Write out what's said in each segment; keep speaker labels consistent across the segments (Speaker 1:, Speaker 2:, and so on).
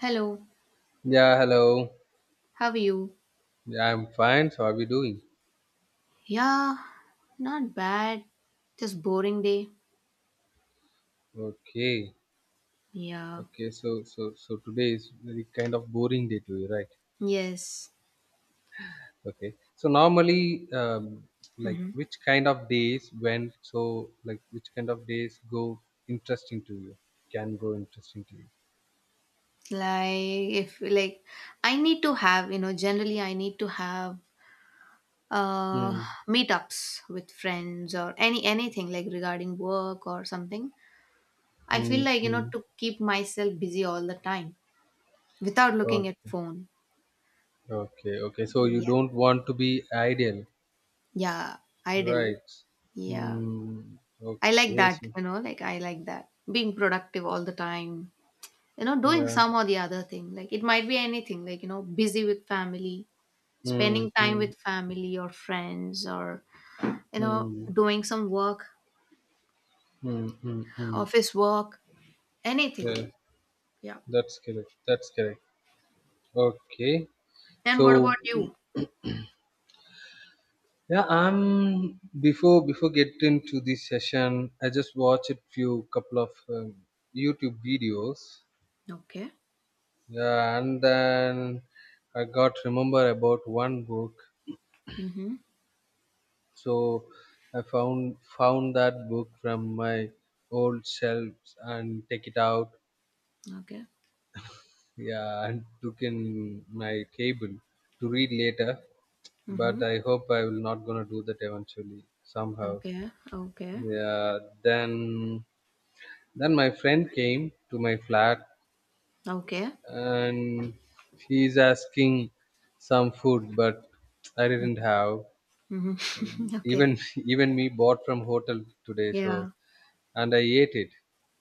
Speaker 1: Hello,
Speaker 2: Yeah, hello.
Speaker 1: how are you?
Speaker 2: Yeah, I'm fine. So, how are we doing?
Speaker 1: Yeah, not bad. Just boring day.
Speaker 2: Okay,
Speaker 1: Yeah.
Speaker 2: okay. So today is very kind of boring day to you, right?
Speaker 1: Yes.
Speaker 2: Okay. So normally, like
Speaker 1: Hmm.
Speaker 2: which kind of days when so like which kind of days go interesting to you? Can go interesting to you?
Speaker 1: Like if I need to have, you know, generally I need to have uh
Speaker 2: Hmm.
Speaker 1: meetups with friends or anything like regarding work or something. I
Speaker 2: Hmm.
Speaker 1: feel like, you know,
Speaker 2: Hmm.
Speaker 1: to keep myself busy all the time without looking at
Speaker 2: Okay,
Speaker 1: phone.
Speaker 2: okay. So you
Speaker 1: Yeah.
Speaker 2: don't want to be ideal,
Speaker 1: Yeah, idle.
Speaker 2: right?
Speaker 1: Yeah.
Speaker 2: Hmm.
Speaker 1: I like
Speaker 2: Okay.
Speaker 1: that,
Speaker 2: So,
Speaker 1: you know, like I like that. Being productive all the time. You know, doing
Speaker 2: yeah.
Speaker 1: some or the other thing, like it might be anything, like you know, busy with family, spending
Speaker 2: Hmm.
Speaker 1: time
Speaker 2: Hmm.
Speaker 1: with family or friends, or you know,
Speaker 2: Hmm.
Speaker 1: doing some work,
Speaker 2: Mm, mm, mm.
Speaker 1: office work,
Speaker 2: Yeah,
Speaker 1: anything. Yeah,
Speaker 2: that's correct. That's correct. Okay.
Speaker 1: and what about
Speaker 2: So
Speaker 1: you?
Speaker 2: yeah, I'm before getting to this session, I just watched a few couple of YouTube videos.
Speaker 1: Okay.
Speaker 2: Yeah, and then I got remember about one book.
Speaker 1: Mm-hmm.
Speaker 2: So I found that book from my old shelves and take it out.
Speaker 1: Okay.
Speaker 2: Yeah, and took in my cable to read later,
Speaker 1: Mm-hmm.
Speaker 2: but I hope I will not gonna do that eventually somehow.
Speaker 1: Okay, okay.
Speaker 2: Yeah. Then my friend came to my flat,
Speaker 1: Okay.
Speaker 2: and he's asking some food, but I didn't have.
Speaker 1: Mm-hmm. Okay.
Speaker 2: Even even me bought from hotel today,
Speaker 1: Yeah.
Speaker 2: so and I ate it.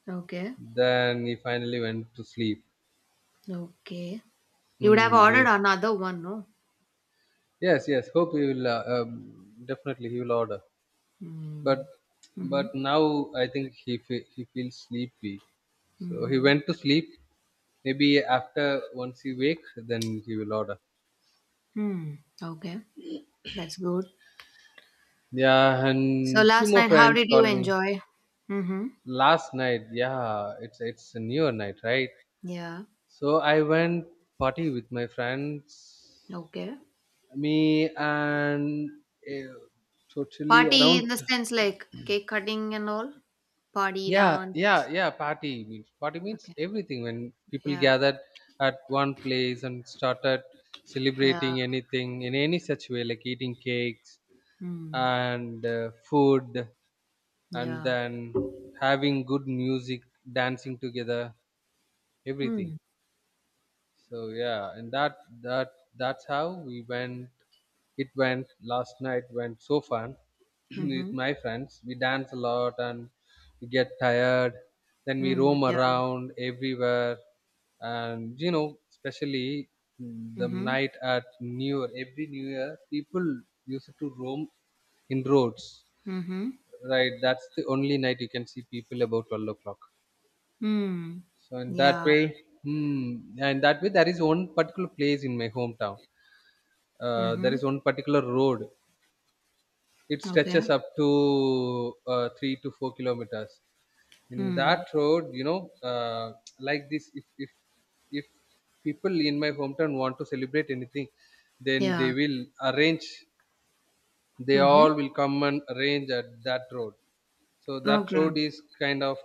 Speaker 1: Okay,
Speaker 2: Then he finally went to sleep.
Speaker 1: okay. You would have
Speaker 2: Hmm.
Speaker 1: ordered
Speaker 2: He,
Speaker 1: another one, no?
Speaker 2: yes, yes. Hope he will definitely he will order.
Speaker 1: Mm-hmm.
Speaker 2: But
Speaker 1: Mm-hmm.
Speaker 2: but now I think he feels sleepy, so he
Speaker 1: Mm-hmm.
Speaker 2: went to sleep. Maybe after once he wake, then he will order.
Speaker 1: Hmm. Okay, that's good.
Speaker 2: Yeah,
Speaker 1: So
Speaker 2: and few
Speaker 1: last
Speaker 2: more
Speaker 1: night, how did
Speaker 2: friends
Speaker 1: you
Speaker 2: called me
Speaker 1: enjoy? Mm-hmm.
Speaker 2: last night. Yeah, it's a newer night, right?
Speaker 1: Yeah.
Speaker 2: So I went party with my friends,
Speaker 1: Okay.
Speaker 2: me and uh, totally
Speaker 1: Party in
Speaker 2: around.
Speaker 1: the sense like cake cutting and all? Party
Speaker 2: Yeah, yeah,
Speaker 1: dance.
Speaker 2: yeah. Party means
Speaker 1: Okay.
Speaker 2: everything. When people
Speaker 1: Yeah.
Speaker 2: gathered at one place and started
Speaker 1: Yeah.
Speaker 2: celebrating anything in any such way, like eating cakes
Speaker 1: Mm.
Speaker 2: and food, and
Speaker 1: Yeah.
Speaker 2: then having good music, dancing together, everything.
Speaker 1: Mm.
Speaker 2: So yeah, and that that's how we went. It went last night. Went so fun with
Speaker 1: Mm-hmm.
Speaker 2: my friends. We dance a lot and we get tired. Then we
Speaker 1: Mm.
Speaker 2: roam
Speaker 1: Yeah.
Speaker 2: around everywhere, and you know, especially the
Speaker 1: Mm-hmm.
Speaker 2: night at New Year. Every New Year, people used to roam in roads.
Speaker 1: Mm-hmm.
Speaker 2: Right, that's the only night you can see people about 12 o'clock.
Speaker 1: Mm.
Speaker 2: So in that
Speaker 1: Yeah.
Speaker 2: way, and that way there is one particular place in my hometown. There
Speaker 1: Mm-hmm.
Speaker 2: is one particular road. It
Speaker 1: Okay.
Speaker 2: stretches up to 3 to 4 kilometers. In that
Speaker 1: Mm.
Speaker 2: road, you know, like this, if people in my hometown want to celebrate anything, then
Speaker 1: Yeah.
Speaker 2: they will arrange. They
Speaker 1: Mm-hmm.
Speaker 2: all will come and arrange at that road. So that
Speaker 1: Okay.
Speaker 2: road is kind of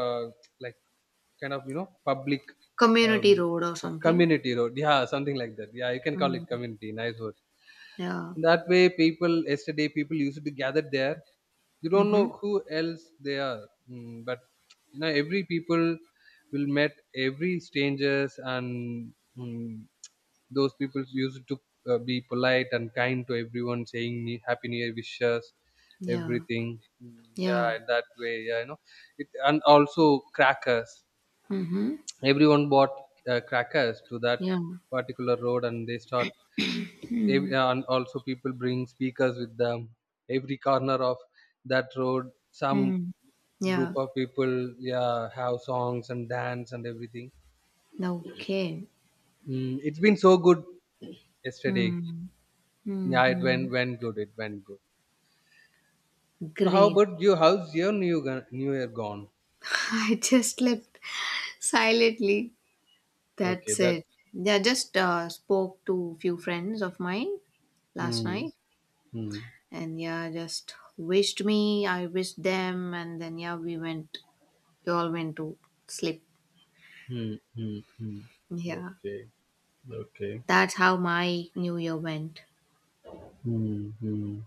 Speaker 2: uh, like kind of, you know, public
Speaker 1: Community
Speaker 2: um,
Speaker 1: road or something.
Speaker 2: community road. Yeah, something like that. Yeah, you can call it
Speaker 1: Mm.
Speaker 2: community. Nice word.
Speaker 1: Yeah.
Speaker 2: In that way, people, yesterday people used to gather there. You don't know
Speaker 1: Mm-hmm.
Speaker 2: who else they are, but you know every people will met every strangers and, mm, those people used to be polite and kind to everyone, saying happy new year wishes,
Speaker 1: Yeah.
Speaker 2: everything. Mm, yeah,
Speaker 1: Yeah.
Speaker 2: that way. Yeah, you know it. And also crackers,
Speaker 1: Mm-hmm.
Speaker 2: everyone bought crackers to that
Speaker 1: Yeah.
Speaker 2: particular road, and they start and also people bring speakers with them. Every corner of that road, some
Speaker 1: Mm.
Speaker 2: group
Speaker 1: Yeah.
Speaker 2: of people, yeah, have songs and dance and everything.
Speaker 1: No, okay.
Speaker 2: Mm, it's been so good yesterday.
Speaker 1: Mm.
Speaker 2: Yeah, it
Speaker 1: Hmm.
Speaker 2: went good. It went good. So how
Speaker 1: Great.
Speaker 2: about you? How's your new new year gone?
Speaker 1: I just slept silently.
Speaker 2: Okay,
Speaker 1: That's
Speaker 2: that.
Speaker 1: it. Yeah, just spoke to few friends of mine last
Speaker 2: Hmm.
Speaker 1: night,
Speaker 2: Hmm.
Speaker 1: and yeah, just wished me. I wished them, and then yeah, we went. We all went to sleep.
Speaker 2: Hmm. Hmm. Mm.
Speaker 1: Yeah,
Speaker 2: Okay, okay.
Speaker 1: that's how my New Year went.
Speaker 2: Hmm. Hmm.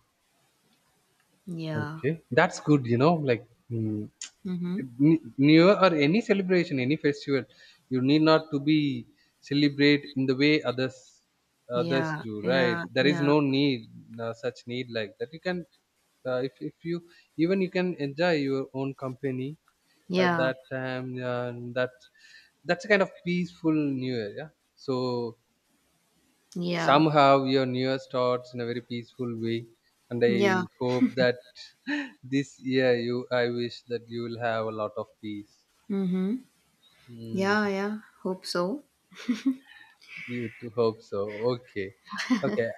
Speaker 1: Yeah.
Speaker 2: Okay, that's good. You know, like,
Speaker 1: Mm-hmm.
Speaker 2: New year or any celebration, any festival, you need not to be celebrate in the way others
Speaker 1: Yeah.
Speaker 2: do, right?
Speaker 1: Yeah.
Speaker 2: There is
Speaker 1: Yeah.
Speaker 2: no need. No such need like that. You can if you, even you can enjoy your own company at
Speaker 1: Yeah.
Speaker 2: that time. And that that's a kind of peaceful new year. Yeah, so
Speaker 1: Yeah.
Speaker 2: somehow your new year starts in a very peaceful way. And
Speaker 1: Yeah.
Speaker 2: I hope that this year you, I wish that you will have a lot of peace.
Speaker 1: Mm-hmm.
Speaker 2: Hmm.
Speaker 1: Yeah, yeah, hope so.
Speaker 2: You too, hope so. Okay. Okay.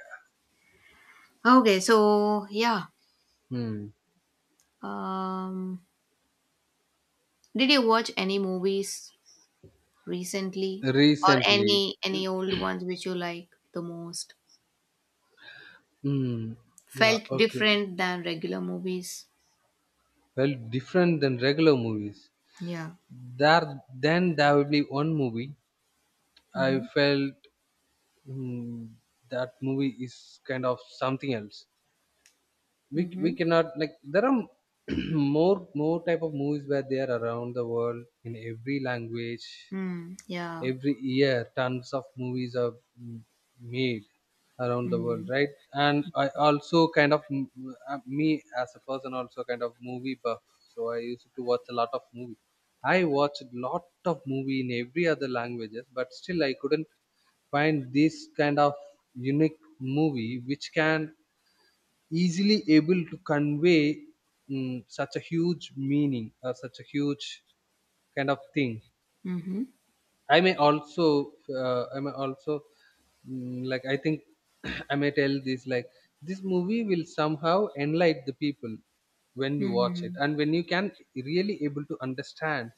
Speaker 1: Okay, so yeah.
Speaker 2: Hmm.
Speaker 1: Um did you watch any movies recently, or
Speaker 2: Recently.
Speaker 1: any old ones which you like the most?
Speaker 2: Hmm. Yeah.
Speaker 1: Felt
Speaker 2: Okay.
Speaker 1: different than regular movies?
Speaker 2: Well, different than regular movies.
Speaker 1: Yeah.
Speaker 2: There, then there will be one movie I
Speaker 1: Mhm.
Speaker 2: felt, hmm, that movie is kind of something else. We
Speaker 1: Mhm.
Speaker 2: cannot like there are more type of movies where they are around the world in every language.
Speaker 1: Mm, yeah.
Speaker 2: Every year tons of movies are, mm, made around the world,
Speaker 1: Mm.
Speaker 2: right? And I also kind of, me as a person also kind of movie buff. So I used to watch a lot of movie. I watched lot of movie in every other languages, but still I couldn't find this kind of unique movie which can easily able to convey, such a huge meaning or such a huge kind of thing.
Speaker 1: Mhm.
Speaker 2: I may also, like I think, I may tell this like this movie will somehow enlighten the people when you watch it,
Speaker 1: Mhm.
Speaker 2: and when you can really able to understand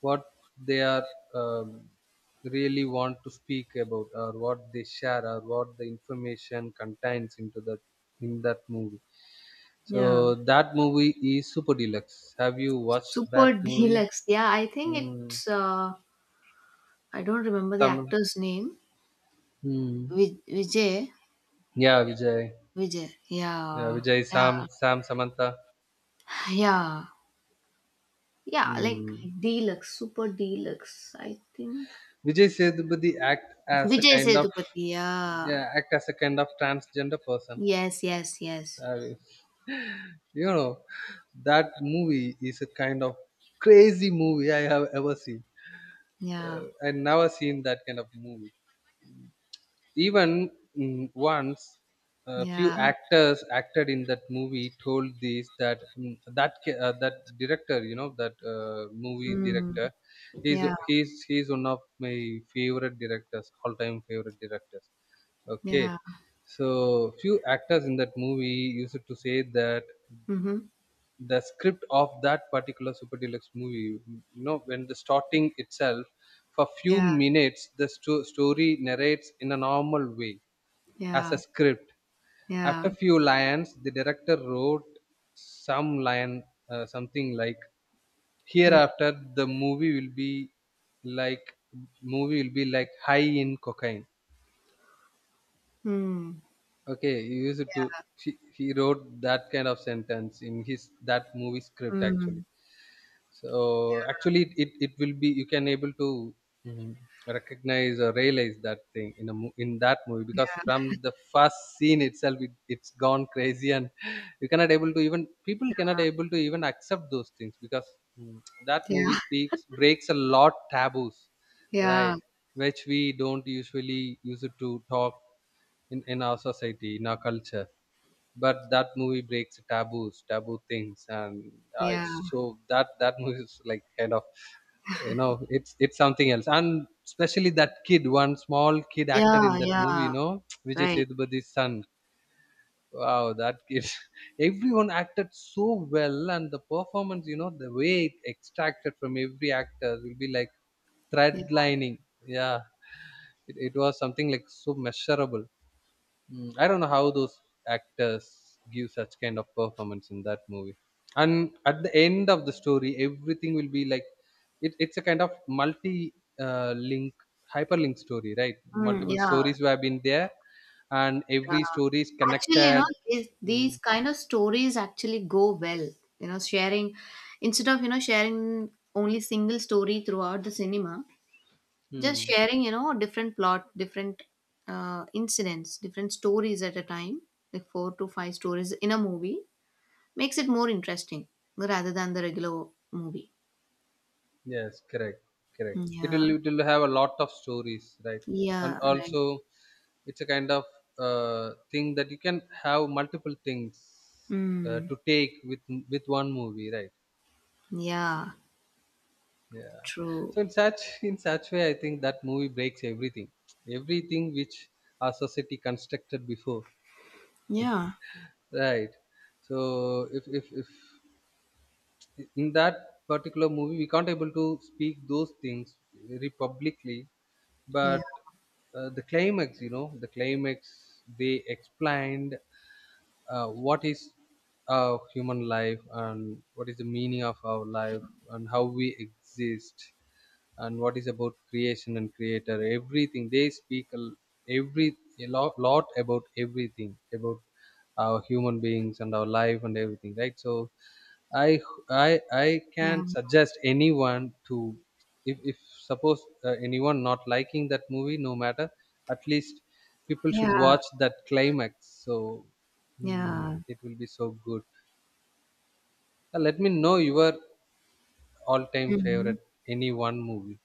Speaker 2: what they are, um, really want to speak about, or what they share, or what the information contains into that in that movie.
Speaker 1: Yeah.
Speaker 2: So that movie is Super Deluxe. Have you watched
Speaker 1: Super
Speaker 2: that movie?
Speaker 1: Deluxe. Yeah, I think
Speaker 2: Mm,
Speaker 1: it's I don't remember the
Speaker 2: Tamil.
Speaker 1: actor's name.
Speaker 2: Hmm.
Speaker 1: Vijay.
Speaker 2: Yeah, Vijay.
Speaker 1: Vijay.
Speaker 2: Yeah,
Speaker 1: Yeah.
Speaker 2: Vijay,
Speaker 1: Yeah.
Speaker 2: Sam, Sam, Samantha.
Speaker 1: Yeah. Yeah, like
Speaker 2: Mm.
Speaker 1: deluxe, super deluxe, I think.
Speaker 2: Vijay Sethupathi act as a
Speaker 1: Vijay
Speaker 2: kind of,
Speaker 1: Sethupathi, yeah.
Speaker 2: yeah, act as a kind of transgender person.
Speaker 1: Yes, yes, yes.
Speaker 2: Uh, you know, that movie is a kind of crazy movie I have ever seen.
Speaker 1: Yeah,
Speaker 2: I never seen that kind of movie. Even, once a few
Speaker 1: yeah.
Speaker 2: actors acted in that movie told this that, that director, you know, that movie
Speaker 1: Mm,
Speaker 2: director, he's
Speaker 1: yeah,
Speaker 2: he's he's one of my favorite directors, all time favorite directors. Okay.
Speaker 1: yeah.
Speaker 2: So few actors in that movie used to say that
Speaker 1: Mm-hmm.
Speaker 2: the script of that particular Super Deluxe movie, you know, when the starting itself for few
Speaker 1: Yeah,
Speaker 2: minutes, the story narrates in a normal way as
Speaker 1: yeah,
Speaker 2: a script.
Speaker 1: yeah,
Speaker 2: After few lines, the director wrote some line, something like
Speaker 1: yeah.
Speaker 2: hereafter the movie will be like movie will be like high in cocaine.
Speaker 1: Mm,
Speaker 2: Okay, he used it to. He wrote that kind of sentence in his that movie script actually.
Speaker 1: mm,
Speaker 2: So actually, it will be you can able to, mm, recognize or realize that thing in a in that movie, because
Speaker 1: yeah,
Speaker 2: from the first scene itself, it's gone crazy and you cannot able to even people cannot able to even accept those things because, that movie speaks breaks a lot taboos, right?
Speaker 1: yeah,
Speaker 2: Which we don't usually use it to talk in our society, in our culture, but that movie breaks taboos taboo things and
Speaker 1: yeah,
Speaker 2: it's- so that that movie is like kind of, you know, it's something else. And especially that kid, one small kid acted in
Speaker 1: yeah,
Speaker 2: that movie,
Speaker 1: yeah.
Speaker 2: you know, Vijay
Speaker 1: Right.
Speaker 2: Sethupathiy's son. Wow, that kid. Everyone acted so well, and the performance, you know, the way it extracted from every actor will be like thread
Speaker 1: Yeah.
Speaker 2: lining. Yeah, it was something like so measurable. Mm, I don't know how those actors give such kind of performance in that movie. And at the end of the story, everything will be like, it's a kind of multi, link, hyperlink story, right?
Speaker 1: Mm,
Speaker 2: Multiple
Speaker 1: yeah.
Speaker 2: stories have been there, and
Speaker 1: Yeah.
Speaker 2: every story is
Speaker 1: Actually, you know,
Speaker 2: connected.
Speaker 1: these
Speaker 2: Mm,
Speaker 1: kind of stories actually go well. You know, sharing instead of you know sharing only single story throughout the cinema, just
Speaker 2: mm.
Speaker 1: sharing you know different plot, different incidents, different stories at a time, like four to five stories in a movie, makes it more interesting rather than the regular movie.
Speaker 2: Yes, correct, correct.
Speaker 1: Mm. Yeah,
Speaker 2: It will have a lot of stories, right? And
Speaker 1: yeah, right.
Speaker 2: also, it's a kind of thing that you can have multiple things
Speaker 1: Mm.
Speaker 2: to take with one movie, right?
Speaker 1: Yeah,
Speaker 2: Yeah.
Speaker 1: true.
Speaker 2: So in such in such way, I think that movie breaks everything, everything which our society constructed before,
Speaker 1: Yeah.
Speaker 2: right? So if in that particular movie we can't able to speak those things very publicly,
Speaker 1: Yeah,
Speaker 2: but the climax, you know, the climax they explained what is a human life and what is the meaning of our life and how we exist and what is about creation and creator. Everything they speak every a lot, lot about everything about our human beings and our life and everything, right? So i I
Speaker 1: yeah,
Speaker 2: can suggest anyone to, if suppose anyone not liking that movie, no matter, at least people should
Speaker 1: yeah,
Speaker 2: watch that climax. So hmm,
Speaker 1: yeah.
Speaker 2: it will be so good. Let me know your all-time
Speaker 1: Mhm.
Speaker 2: favorite any one movie.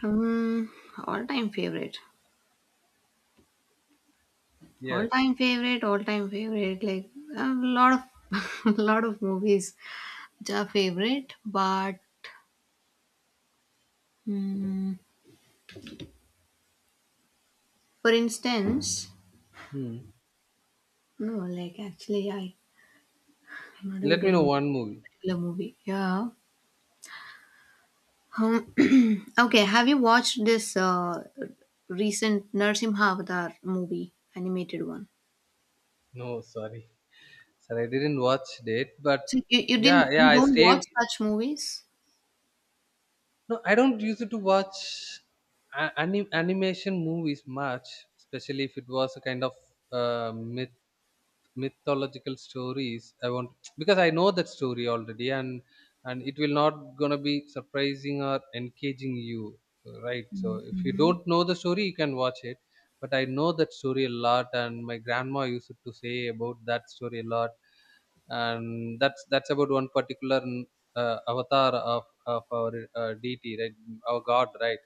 Speaker 1: Hmm, all-time favorite. All-time
Speaker 2: Yes.
Speaker 1: favorite, all-time favorite. Like a lot of lot of movies which are favorite, but mm, for instance,
Speaker 2: Hmm.
Speaker 1: no, like actually I'm not able
Speaker 2: Let
Speaker 1: to
Speaker 2: me know
Speaker 1: remember
Speaker 2: one
Speaker 1: a
Speaker 2: movie.
Speaker 1: particular movie. Yeah. Um, okay, have you watched this recent Narsimha Avatar movie, animated one?
Speaker 2: No, sorry. Sir, I didn't watch it, but
Speaker 1: So you
Speaker 2: yeah,
Speaker 1: didn't
Speaker 2: yeah,
Speaker 1: you
Speaker 2: I
Speaker 1: don't watch
Speaker 2: stay.
Speaker 1: such movies?
Speaker 2: No, I don't use it to watch animation movies much, especially if it was a kind of uh, myth mythological stories I want, because I know that story already, and it will not gonna be surprising or engaging you, right? So if you
Speaker 1: Mm-hmm.
Speaker 2: don't know the story, you can watch it, but I know that story a lot, and my grandma used to say about that story a lot. And that's about one particular avatar of our deity, right? Our god, right?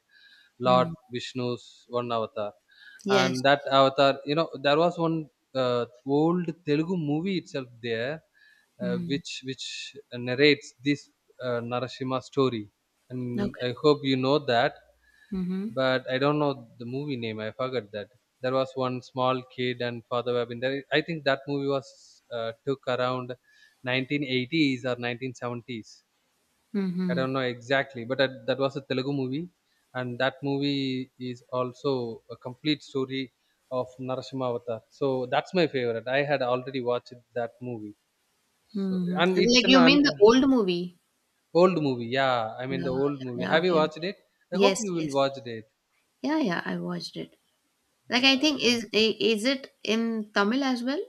Speaker 2: Lord
Speaker 1: Mm.
Speaker 2: Vishnu's one avatar.
Speaker 1: Yes.
Speaker 2: And that avatar, you know, there was one uh, old Telugu movie itself there,
Speaker 1: Mm.
Speaker 2: which narrates this Narashima story, and
Speaker 1: Okay.
Speaker 2: I hope you know that.
Speaker 1: Mhm.
Speaker 2: But I don't know the movie name. I forgot that. There was one small kid and Father Babin. There, I think that movie was took around 1980s or 1970s. I
Speaker 1: Mhm.
Speaker 2: don't know exactly, but that was a Telugu movie, and that movie is also a complete story of Narasimha Avatar. So that's my favorite. I had already watched that movie. So
Speaker 1: Mhm.
Speaker 2: and
Speaker 1: Like,
Speaker 2: it's an,
Speaker 1: you
Speaker 2: an
Speaker 1: mean the old movie?
Speaker 2: old movie. Yeah, I mean
Speaker 1: Yeah,
Speaker 2: the old
Speaker 1: yeah,
Speaker 2: movie.
Speaker 1: yeah.
Speaker 2: Have you
Speaker 1: Okay, okay.
Speaker 2: watched it? I hope
Speaker 1: Yes,
Speaker 2: you will
Speaker 1: yes.
Speaker 2: watch it.
Speaker 1: Yeah, yeah, I watched it. Like,
Speaker 2: Yeah,
Speaker 1: I think
Speaker 2: yeah.
Speaker 1: is it in Tamil as well?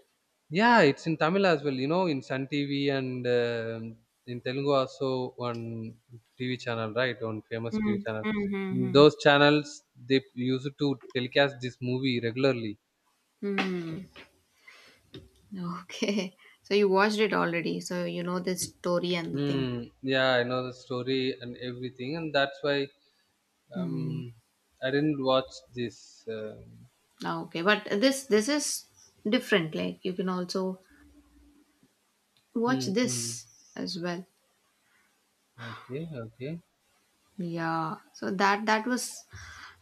Speaker 2: Yeah, it's in Tamil as well. You know, in Sun TV, and in Telugu also one TV channel, right? One famous TV
Speaker 1: Mm.
Speaker 2: channel. In
Speaker 1: Mm-hmm.
Speaker 2: those channels they used to telecast this movie regularly.
Speaker 1: Mm. Okay. So you watched it already, so you know the story and the thing.
Speaker 2: Mm, yeah, I know the story and everything, and that's why
Speaker 1: Hmm.
Speaker 2: um, I didn't watch this.
Speaker 1: Ah, okay, but this is different. Like you can also watch
Speaker 2: Mm, mm.
Speaker 1: this as well.
Speaker 2: Okay, okay.
Speaker 1: Yeah. So that that was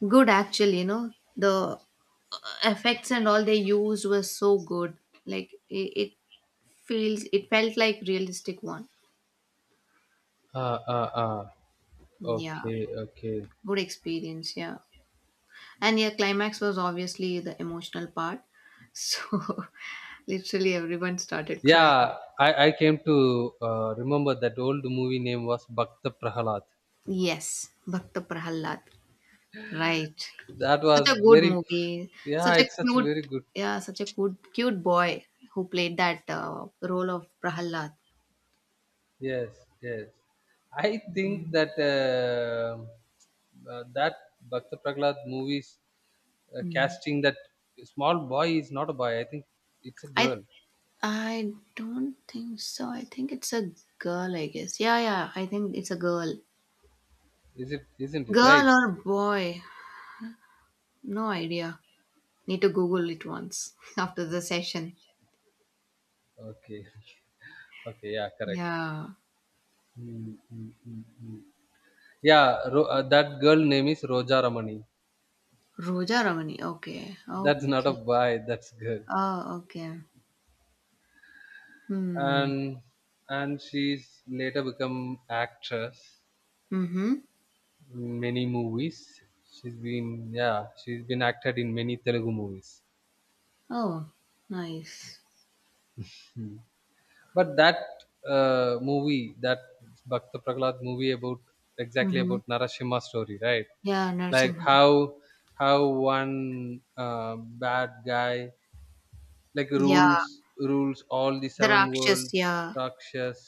Speaker 1: good, actually, you know, the effects and all they used were so good. Like it felt like realistic one.
Speaker 2: Ah, ah, ah.
Speaker 1: Yeah,
Speaker 2: Okay, okay.
Speaker 1: good experience. Yeah, and yeah, climax was obviously the emotional part. So literally everyone started crying.
Speaker 2: Yeah, I came to remember that old movie name was Bhakta Prahalad.
Speaker 1: Yes, Bhakta Prahalad. Right.
Speaker 2: That
Speaker 1: Such
Speaker 2: was
Speaker 1: a good
Speaker 2: very,
Speaker 1: movie.
Speaker 2: yeah,
Speaker 1: Such a
Speaker 2: it's such
Speaker 1: cute,
Speaker 2: very good.
Speaker 1: yeah, such a good cute boy who played that role of Prahalad.
Speaker 2: Yes, yes. I think that that Bhakta Prahalad movies
Speaker 1: Hmm.
Speaker 2: casting that small boy is not a boy. I think it's a
Speaker 1: I
Speaker 2: girl.
Speaker 1: I don't think so. I think it's a girl, I guess. Yeah, yeah, I think it's a girl.
Speaker 2: Is it? Isn't it right?
Speaker 1: Girl or boy? No idea. Need to Google it once after the session.
Speaker 2: Okay. Okay. Yeah. Correct.
Speaker 1: Yeah.
Speaker 2: Mm, mm, mm, mm. Yeah. That girl name is Roja Ramani.
Speaker 1: Roja Ramani. Okay.
Speaker 2: That's not a
Speaker 1: Okay.
Speaker 2: boy. That's girl.
Speaker 1: Oh, okay. Hmm.
Speaker 2: And she's later become actress
Speaker 1: Mm-hmm.
Speaker 2: in many movies. She's been, yeah, she's been acted in many Telugu movies.
Speaker 1: Oh, nice.
Speaker 2: But that movie, that Bhakta Prahlad movie about exactly
Speaker 1: Mm-hmm.
Speaker 2: about Narasimha story, right?
Speaker 1: Yeah,
Speaker 2: Like
Speaker 1: Narsimha.
Speaker 2: how one bad guy like
Speaker 1: Yeah.
Speaker 2: rules all the
Speaker 1: The
Speaker 2: seven
Speaker 1: Rakshas,
Speaker 2: worlds
Speaker 1: yeah.
Speaker 2: rakshas.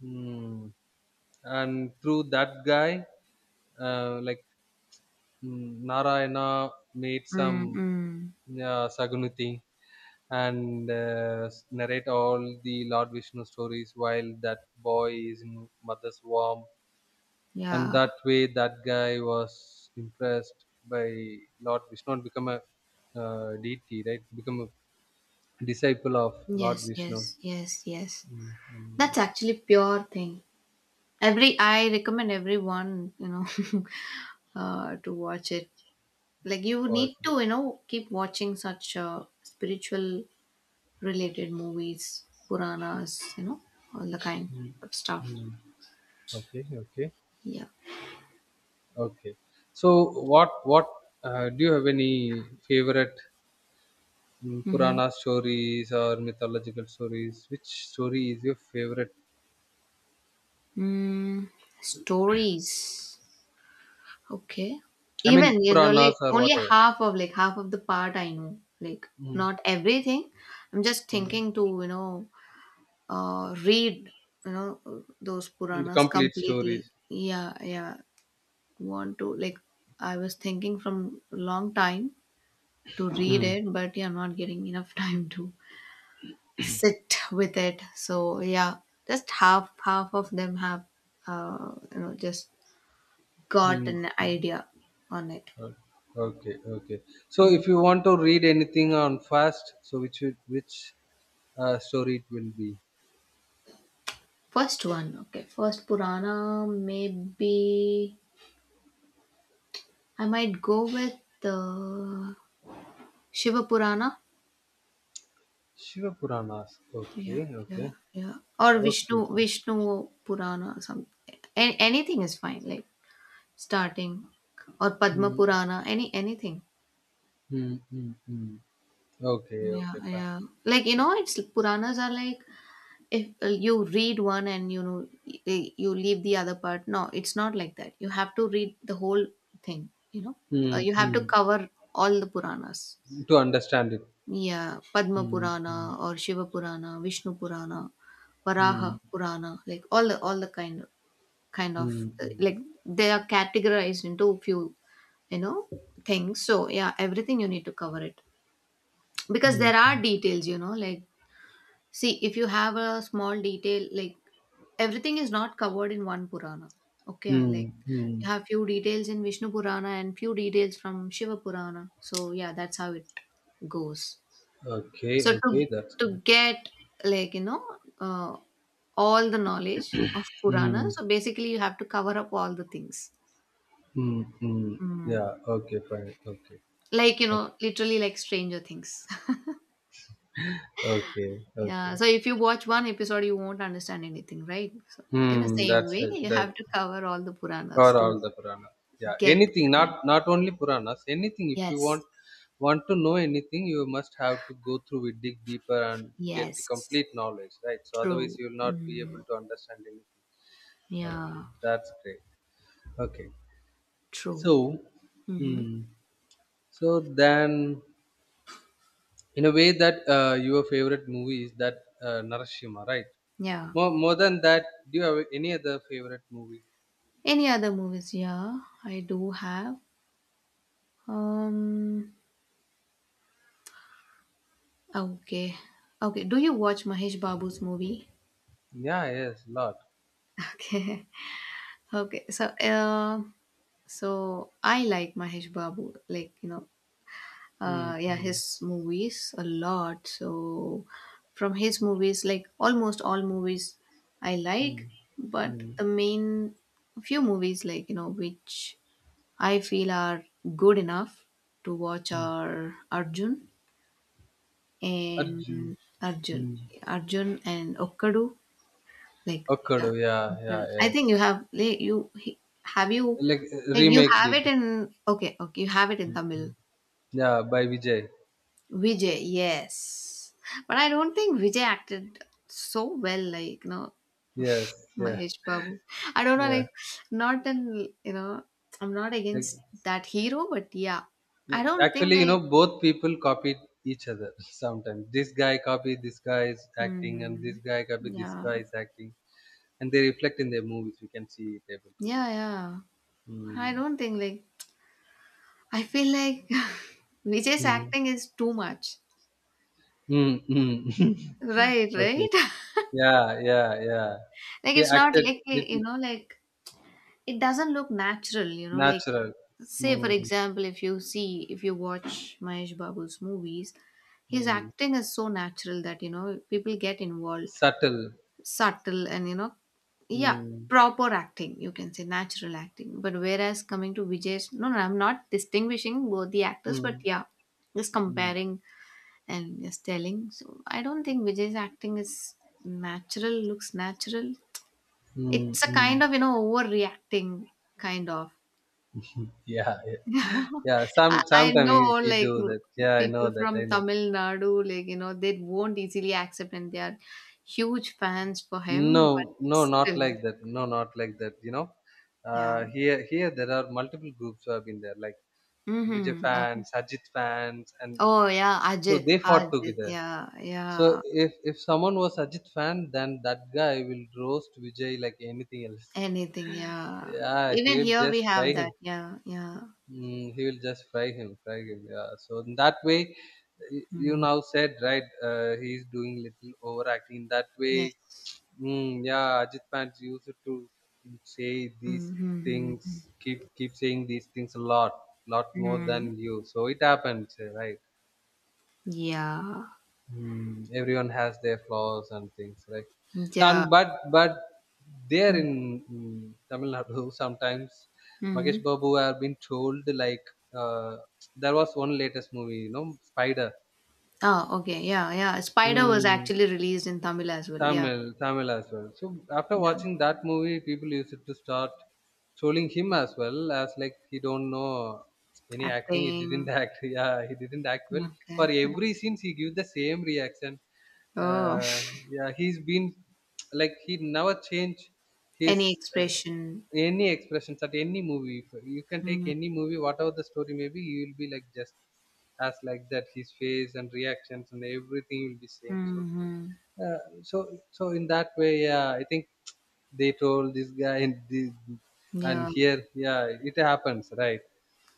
Speaker 2: Hmm. And through that guy, like Narayana made some
Speaker 1: Mm-mm.
Speaker 2: sagunuti, and narrate all the Lord Vishnu stories while that boy is in mother's womb. And
Speaker 1: Yeah.
Speaker 2: that way, that guy was impressed by Lord Vishnu and become a deity, right? Become a disciple of Lord
Speaker 1: Yes, yes,
Speaker 2: Vishnu.
Speaker 1: yes, yes.
Speaker 2: Mm, mm,
Speaker 1: That's actually pure thing. Every I recommend everyone, you know, to watch it. Like you need
Speaker 2: was-
Speaker 1: to, you know, keep watching such spiritual related movies, Puranas, you know, all the kind
Speaker 2: mm,
Speaker 1: of stuff.
Speaker 2: mm. Okay, okay.
Speaker 1: Yeah.
Speaker 2: Okay. So what do you have any favorite
Speaker 1: Mm-hmm.
Speaker 2: Purana stories or mythological stories? Which story is your favorite?
Speaker 1: Mm, stories. Okay.
Speaker 2: I mean
Speaker 1: Even you know, like
Speaker 2: Puranas or
Speaker 1: only
Speaker 2: whatever.
Speaker 1: half of like half of the part I know. Like
Speaker 2: Mm,
Speaker 1: not everything. I'm just
Speaker 2: mm.
Speaker 1: thinking to you know read you know those
Speaker 2: The
Speaker 1: Puranas
Speaker 2: complete
Speaker 1: completely.
Speaker 2: stories.
Speaker 1: Yeah, yeah. Want to like I was thinking from long time to read
Speaker 2: Mm.
Speaker 1: it, but yeah, I'm not getting enough time to sit with it. So yeah, just half half of them have you know just got
Speaker 2: Mm.
Speaker 1: an
Speaker 2: mm.
Speaker 1: idea on it.
Speaker 2: O- Okay, okay. So
Speaker 1: Hmm.
Speaker 2: if you want to read anything on fast, so which story it will be?
Speaker 1: First one, okay. First Purana, maybe I might go with the Shiva Purana.
Speaker 2: Shiva Puranas.
Speaker 1: Yeah,
Speaker 2: Okay, okay.
Speaker 1: yeah, yeah. Or
Speaker 2: Okay,
Speaker 1: Vishnu,
Speaker 2: sir.
Speaker 1: Vishnu Purana, or something. Any, anything is fine. Like starting or Padma
Speaker 2: Mm,
Speaker 1: Purana, any anything.
Speaker 2: mm, mm, mm. Okay,
Speaker 1: Yeah,
Speaker 2: okay, fine.
Speaker 1: yeah. Like you know, it's Puranas are like if you read one and you know you leave the other part. No, it's not like that. You have to read the whole thing. You know,
Speaker 2: Mm,
Speaker 1: you have to
Speaker 2: mm.
Speaker 1: cover all the Puranas.
Speaker 2: To understand it.
Speaker 1: Yeah, Padma
Speaker 2: Mm, mm,
Speaker 1: Purana or Shiva Purana, Vishnu Purana,
Speaker 2: mm,
Speaker 1: Varaha Purana, like all the
Speaker 2: mm,
Speaker 1: like they are categorized into a few you know things, so yeah, everything you need to cover it, because
Speaker 2: mm,
Speaker 1: there are
Speaker 2: mm,
Speaker 1: details you know like see if you have a small detail like everything is not covered in one purana, okay, like
Speaker 2: mm, mm.
Speaker 1: you have few details in vishnu purana and few details from shiva purana, so yeah, that's how it goes,
Speaker 2: Okay,
Speaker 1: so to
Speaker 2: okay, that's
Speaker 1: to
Speaker 2: good.
Speaker 1: get like you know uh, all the knowledge of purana,
Speaker 2: Mm,
Speaker 1: so basically you have to cover up all the things.
Speaker 2: mm, mm.
Speaker 1: Mm.
Speaker 2: Yeah, okay, fine. Okay.
Speaker 1: Like, you
Speaker 2: Okay,
Speaker 1: know, literally like Stranger Things.
Speaker 2: okay,
Speaker 1: Yeah.
Speaker 2: okay.
Speaker 1: So if you watch one episode, you won't understand anything, right? So in the
Speaker 2: Mm.
Speaker 1: same
Speaker 2: That's
Speaker 1: way,
Speaker 2: it.
Speaker 1: you have
Speaker 2: That
Speaker 1: to cover all the Puranas
Speaker 2: for
Speaker 1: to
Speaker 2: all the Puranas. Yeah,
Speaker 1: get.
Speaker 2: anything,
Speaker 1: Connect.
Speaker 2: not only Puranas, anything. If you
Speaker 1: Yes.
Speaker 2: want to know anything, you must have to go through it, dig deeper, and get the
Speaker 1: Yes.
Speaker 2: complete knowledge, right? So otherwise,
Speaker 1: True.
Speaker 2: you will not be able
Speaker 1: Mm.
Speaker 2: to understand anything. Okay,
Speaker 1: Yeah.
Speaker 2: that's great. Okay,
Speaker 1: True.
Speaker 2: so,
Speaker 1: Mm-hmm.
Speaker 2: hmm, so then, in a way, that your favorite movie is that Narashima, right?
Speaker 1: Yeah.
Speaker 2: More than that, do you have any other favorite movie?
Speaker 1: Any other movies? Yeah, I do have. Um. Okay. Okay. Do you watch Mahesh Babu's movie?
Speaker 2: Yeah, yes, lot.
Speaker 1: Okay. Okay. So, so I like Mahesh Babu, like you know,
Speaker 2: Mm,
Speaker 1: yeah, his
Speaker 2: mm,
Speaker 1: movies a lot. So from his movies, like almost all movies, I like,
Speaker 2: mm,
Speaker 1: but
Speaker 2: mm,
Speaker 1: the main few movies, like you know, which I feel are good enough to watch
Speaker 2: mm.
Speaker 1: are
Speaker 2: Arjun.
Speaker 1: and Arjun,
Speaker 2: Hmm.
Speaker 1: Arjun and Okkadu. Like,
Speaker 2: Okkodu,
Speaker 1: yeah,
Speaker 2: yeah, yeah,
Speaker 1: okay. I
Speaker 2: yes.
Speaker 1: think you have like you he- have you
Speaker 2: Like
Speaker 1: like you
Speaker 2: remake
Speaker 1: have
Speaker 2: did.
Speaker 1: it in okay okay you have it in Tamil.
Speaker 2: Yeah, by Vijay.
Speaker 1: Vijay, yes, but I don't think Vijay acted so well. Like, you know,
Speaker 2: Yes, yeah,
Speaker 1: Mahesh Babu. I don't know.
Speaker 2: yeah.
Speaker 1: Like, not in you know, I'm not
Speaker 2: Like,
Speaker 1: against that hero, but yeah,
Speaker 2: yeah,
Speaker 1: I don't think
Speaker 2: actually, you
Speaker 1: like
Speaker 2: know, both people copied each other sometimes. This guy copied this guy's acting, and
Speaker 1: hmm,
Speaker 2: this guy copied this
Speaker 1: yeah,
Speaker 2: guy's acting, and they reflect in their movies. We can see it able to
Speaker 1: yeah,
Speaker 2: easily.
Speaker 1: yeah. I
Speaker 2: Mm.
Speaker 1: don't think like I feel like Vijay's
Speaker 2: Mm.
Speaker 1: acting is too much.
Speaker 2: Mm. Mm.
Speaker 1: Right,
Speaker 2: okay.
Speaker 1: right.
Speaker 2: Yeah, yeah, yeah.
Speaker 1: Like
Speaker 2: He
Speaker 1: it's not
Speaker 2: acted
Speaker 1: like you
Speaker 2: little
Speaker 1: know, like it doesn't look natural, you know, like
Speaker 2: natural.
Speaker 1: say for
Speaker 2: Mm.
Speaker 1: example if you watch Mahesh Babu's movies, his
Speaker 2: Mm.
Speaker 1: acting is so natural that, you know, people get involved,
Speaker 2: Subtle.
Speaker 1: subtle and you know yeah,
Speaker 2: Mm,
Speaker 1: proper acting, you can say natural acting. But whereas coming to Vijay's, no no, I'm not distinguishing both the actors, but
Speaker 2: mm,
Speaker 1: yeah, just
Speaker 2: mm,
Speaker 1: comparing and just telling. So I don't think Vijay's acting is natural, looks natural.
Speaker 2: mm,
Speaker 1: It's a
Speaker 2: mm.
Speaker 1: kind of, you know, overreacting kind of.
Speaker 2: Yeah, yeah, yeah.
Speaker 1: I,
Speaker 2: Some
Speaker 1: I
Speaker 2: sometimes
Speaker 1: know
Speaker 2: he
Speaker 1: like
Speaker 2: do that. Yeah, I know
Speaker 1: people
Speaker 2: that. I
Speaker 1: from
Speaker 2: know.
Speaker 1: Tamil Nadu, like, you know, they won't easily accept and they are huge fans for him, but
Speaker 2: No, no, not
Speaker 1: still,
Speaker 2: like that. No, not like that. You know,
Speaker 1: yeah.
Speaker 2: here there are multiple groups who have been there, like Vijay
Speaker 1: Mm-hmm. Okay.
Speaker 2: fans, Sajid fans, and
Speaker 1: Oh yeah,
Speaker 2: so
Speaker 1: Ajit,
Speaker 2: they fought
Speaker 1: Ajit,
Speaker 2: together.
Speaker 1: yeah,
Speaker 2: So
Speaker 1: yeah.
Speaker 2: if someone was Sajid fan, then that guy will roast Vijay like anything else.
Speaker 1: Anything, yeah.
Speaker 2: Yeah,
Speaker 1: Even
Speaker 2: he will
Speaker 1: here we
Speaker 2: just
Speaker 1: have
Speaker 2: fry
Speaker 1: that,
Speaker 2: him.
Speaker 1: yeah, yeah.
Speaker 2: Mm, he will just fry him, fry him. Yeah. So in that way, you
Speaker 1: Mm,
Speaker 2: now said right. He's doing little overacting. In that way,
Speaker 1: yes.
Speaker 2: mm, yeah. Ajit fans used to say these things.
Speaker 1: Mm-hmm.
Speaker 2: Keep saying these things a lot, lot more
Speaker 1: Mm,
Speaker 2: than you. So it happens, right?
Speaker 1: yeah,
Speaker 2: Hmm, everyone has their flaws and things, right?
Speaker 1: yeah.
Speaker 2: And but there in mm, Tamil Nadu sometimes
Speaker 1: Mm-hmm.
Speaker 2: Mahesh Babu have been told like uh, there was one latest movie, you know, Spider.
Speaker 1: Oh, okay. Yeah, yeah. Spider was
Speaker 2: Hmm.
Speaker 1: actually released in Tamil as well. Yeah.
Speaker 2: Tamil, Tamil as well. So after
Speaker 1: Yeah.
Speaker 2: watching that movie, people used to start trolling him as well as like he don't know any acting. He didn't
Speaker 1: Acting.
Speaker 2: act. Yeah, he didn't act well.
Speaker 1: Okay.
Speaker 2: For every scene, he give the same reaction.
Speaker 1: Oh.
Speaker 2: Uh, yeah, he's been like he never change
Speaker 1: Any
Speaker 2: his
Speaker 1: expression.
Speaker 2: any expressions at any movie. If you can take
Speaker 1: Mm-hmm.
Speaker 2: any movie, whatever the story may be, he will be like just as like that. His face and reactions and everything will be same. So
Speaker 1: Mm-hmm.
Speaker 2: so in that way yeah I think they told this guy and the, and
Speaker 1: Yeah.
Speaker 2: here yeah it happens right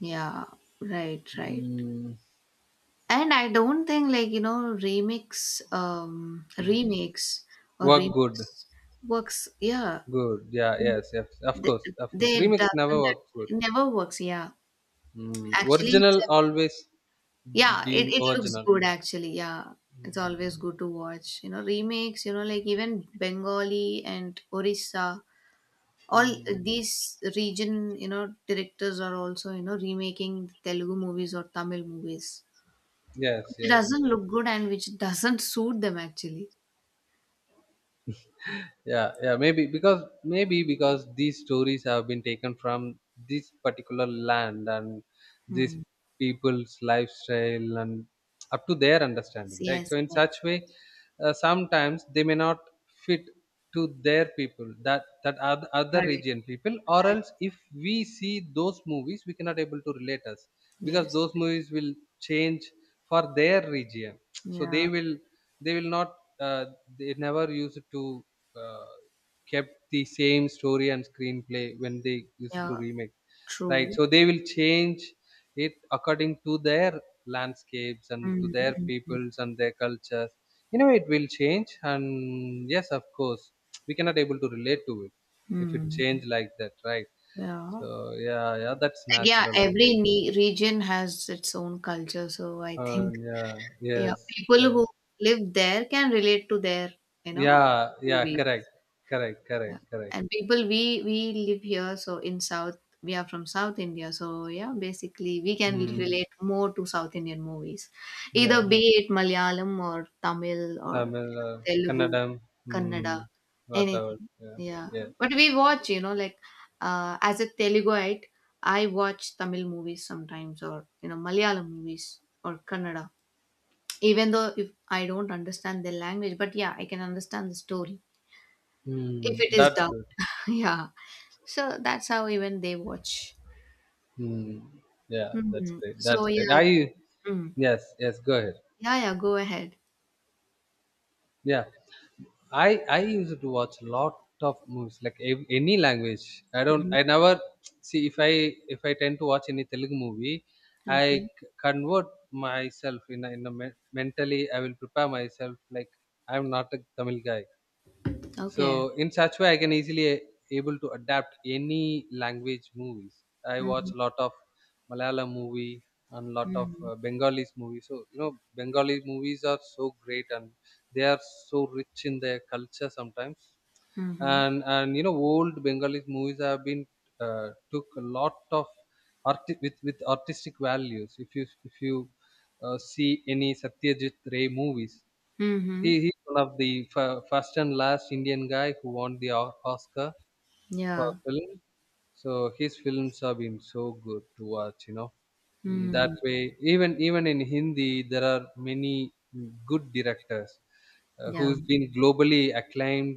Speaker 1: Yeah. Right, right.
Speaker 2: mm,
Speaker 1: And I don't think like, you know, remix remakes or
Speaker 2: work good
Speaker 1: remix works. Yeah.
Speaker 2: good yeah yes yes
Speaker 1: They,
Speaker 2: of course
Speaker 1: they
Speaker 2: remix never
Speaker 1: doesn't
Speaker 2: work good
Speaker 1: it never works, yeah.
Speaker 2: mm,
Speaker 1: Actually it's
Speaker 2: original always
Speaker 1: yeah, it,
Speaker 2: been
Speaker 1: it looks
Speaker 2: original.
Speaker 1: good actually. Yeah, it's always good to watch. You know, remakes, you know, like even Bengali and Orissa, all
Speaker 2: Mm,
Speaker 1: these region, you know, directors are also, you know, remaking Telugu movies or Tamil movies,
Speaker 2: yes,
Speaker 1: which
Speaker 2: yes,
Speaker 1: doesn't
Speaker 2: yes.
Speaker 1: look good and which doesn't suit them actually.
Speaker 2: Yeah, yeah. Maybe because these stories have been taken from this particular land, and these
Speaker 1: Hmm.
Speaker 2: people's lifestyle and up to their
Speaker 1: Yes,
Speaker 2: understanding, right?
Speaker 1: yes,
Speaker 2: So in such
Speaker 1: yes.
Speaker 2: way sometimes they may not fit to their people, other
Speaker 1: Right,
Speaker 2: region people, or
Speaker 1: right.
Speaker 2: else if we see those movies we cannot able to relate us, because
Speaker 1: Yes.
Speaker 2: those movies will change for their region. So they
Speaker 1: Yeah,
Speaker 2: will not uh, they never used to uh, kept the same story and screenplay when they used
Speaker 1: yeah,
Speaker 2: to remake. Right.
Speaker 1: true.
Speaker 2: So they will change it according to their landscapes and to their
Speaker 1: Mm-hmm.
Speaker 2: peoples and their cultures. You know, it will change. And yes, of course, we cannot able to relate to it if it change like that, right?
Speaker 1: Yeah.
Speaker 2: So yeah, yeah, that's
Speaker 1: Like, yeah,
Speaker 2: natural, I
Speaker 1: every
Speaker 2: think.
Speaker 1: ne region has its own culture, so I think
Speaker 2: Yeah,
Speaker 1: yeah,
Speaker 2: yes,
Speaker 1: people
Speaker 2: yes,
Speaker 1: who live there can relate to their, you know,
Speaker 2: yeah, yeah,
Speaker 1: movies
Speaker 2: correct, correct, correct, correct.
Speaker 1: and people we live here, so in south, we are from south india, so yeah basically we can
Speaker 2: Mm,
Speaker 1: relate more to south indian movies, either
Speaker 2: yes,
Speaker 1: be it malayalam or tamil or
Speaker 2: Tamil,
Speaker 1: telugu,
Speaker 2: Kannadam,
Speaker 1: kannada,
Speaker 2: mm, whatever.
Speaker 1: anything,
Speaker 2: Yeah,
Speaker 1: yeah,
Speaker 2: yeah.
Speaker 1: but we watch you know like as a teluguite I watch tamil movies sometimes or you know malayalam movies or kannada, even though if I don't understand their language but yeah I can understand the story if
Speaker 2: Mm,
Speaker 1: it is
Speaker 2: that's
Speaker 1: dark,
Speaker 2: good.
Speaker 1: yeah. So that's how even they watch.
Speaker 2: Hmm. Yeah, that's
Speaker 1: Hmm.
Speaker 2: great.
Speaker 1: So
Speaker 2: That's great.
Speaker 1: yeah.
Speaker 2: I
Speaker 1: Mm.
Speaker 2: yes, yes. Go ahead.
Speaker 1: Yeah, yeah, go ahead.
Speaker 2: Yeah, I used to watch a lot of movies, like any language. I don't.
Speaker 1: Hmm.
Speaker 2: I never see if I tend to watch any Telugu movie,
Speaker 1: Okay.
Speaker 2: convert myself in in mentally. I will prepare myself like I'm not a Tamil guy. So
Speaker 1: Okay.
Speaker 2: in such way I can easily able to adapt any language movies. I watch
Speaker 1: Mm-hmm.
Speaker 2: a lot of Malayalam movie, and lot of
Speaker 1: Mm-hmm.
Speaker 2: Bengalis movies. So you know Bengali movies are so great, and they are so rich in their culture sometimes.
Speaker 1: Mm-hmm.
Speaker 2: And you know old Bengali movies have been took a lot of with artistic values. If you see any Satyajit Ray movies,
Speaker 1: Mm-hmm.
Speaker 2: he's one of the first and last Indian guy who won the Oscar for
Speaker 1: Yeah.
Speaker 2: film. So his films have been so good to watch, you know. Mm, that
Speaker 1: Mm.
Speaker 2: way, even in Hindi, there are many mm, good directors
Speaker 1: Yeah.
Speaker 2: who's been globally acclaimed,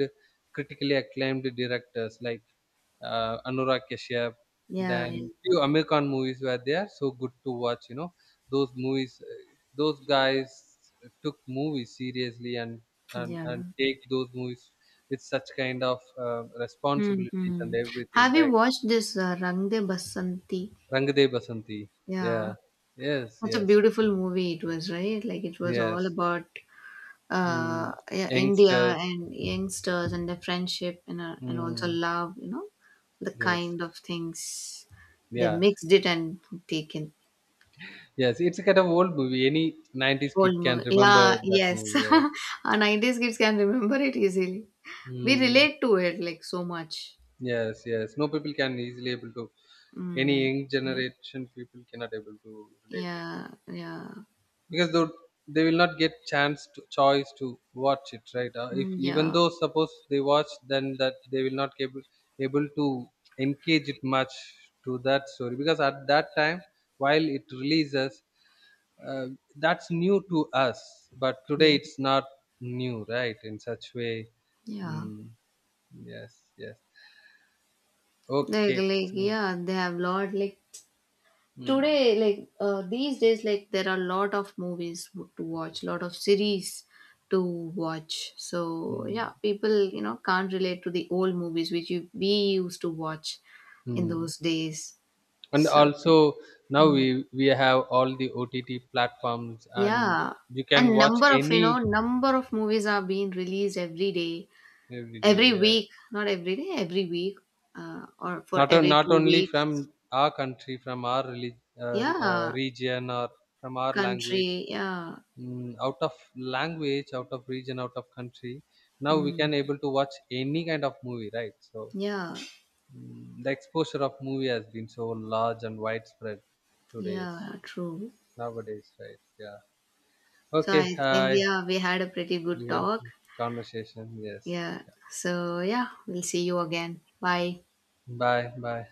Speaker 2: critically acclaimed directors like Anurag Kashyap.
Speaker 1: Yeah. Yeah.
Speaker 2: Then few American movies where they are so good to watch. You know, those movies, those guys took movies seriously and
Speaker 1: Yeah.
Speaker 2: take those movies with such kind of responsibilities and
Speaker 1: Mm-hmm.
Speaker 2: everything,
Speaker 1: Have you
Speaker 2: right?
Speaker 1: watched this Rang De Basanti?
Speaker 2: Rangde Basanti.
Speaker 1: Yeah.
Speaker 2: Yeah. Yes.
Speaker 1: Such a
Speaker 2: Yes.
Speaker 1: beautiful movie it was, right? Like it was
Speaker 2: Yes.
Speaker 1: all about
Speaker 2: Mm.
Speaker 1: yeah, India
Speaker 2: Youngsters.
Speaker 1: and youngsters and their friendship and also
Speaker 2: Mm.
Speaker 1: love, you know, the
Speaker 2: Yes.
Speaker 1: kind of things they
Speaker 2: Yeah.
Speaker 1: mixed it and taken
Speaker 2: Yes. It's a kind of old movie. Any 90s
Speaker 1: whole
Speaker 2: kid can
Speaker 1: movie. Yeah,
Speaker 2: remember that
Speaker 1: yes,
Speaker 2: movie. Yeah.
Speaker 1: our 90s kids can remember it easily. We
Speaker 2: Mm.
Speaker 1: relate to it like so much.
Speaker 2: Yes. Yes. No people can easily able to. Any
Speaker 1: Mm,
Speaker 2: young
Speaker 1: yeah,
Speaker 2: generation people cannot able to relate,
Speaker 1: yeah, yeah.
Speaker 2: because they will not get chance to choice to watch it right if
Speaker 1: Mm,
Speaker 2: even
Speaker 1: yeah,
Speaker 2: though suppose they watch, then that they will not able to engage it much to that story, because at that time while it releases uh, that's new to us but today
Speaker 1: yes,
Speaker 2: it's not new right in such way
Speaker 1: yeah.
Speaker 2: mm, yes yes okay
Speaker 1: Like
Speaker 2: so
Speaker 1: yeah, they have lot like
Speaker 2: mm,
Speaker 1: today like these days like there are a lot of movies to watch lot of series to watch, so yeah,
Speaker 2: mm,
Speaker 1: people you know can't relate to the old movies which you, we used to watch in
Speaker 2: mm.
Speaker 1: those days,
Speaker 2: And
Speaker 1: so
Speaker 2: also now
Speaker 1: mm,
Speaker 2: we have all the OTT platforms and
Speaker 1: yeah,
Speaker 2: you
Speaker 1: and
Speaker 2: can watch
Speaker 1: number of you know
Speaker 2: any
Speaker 1: number of movies are being released every day,
Speaker 2: every day
Speaker 1: every
Speaker 2: yeah.
Speaker 1: week, not every day, every week, or for every
Speaker 2: Not
Speaker 1: two
Speaker 2: only from
Speaker 1: weeks
Speaker 2: our country, from our
Speaker 1: yeah,
Speaker 2: region or from our language
Speaker 1: country, yeah,
Speaker 2: mm, out of language, out of region, out of country, now we
Speaker 1: mm,
Speaker 2: can able to watch any kind of movie, right? So
Speaker 1: yeah.
Speaker 2: mm, the exposure of movie has been so large and widespread
Speaker 1: Yeah,
Speaker 2: today's
Speaker 1: true.
Speaker 2: nowadays right yeah
Speaker 1: So
Speaker 2: okay
Speaker 1: I think, yeah, we had a pretty good
Speaker 2: we had
Speaker 1: talk.
Speaker 2: conversation. Yes.
Speaker 1: Yeah. So, yeah, we'll see you again. Bye.
Speaker 2: Bye. Bye.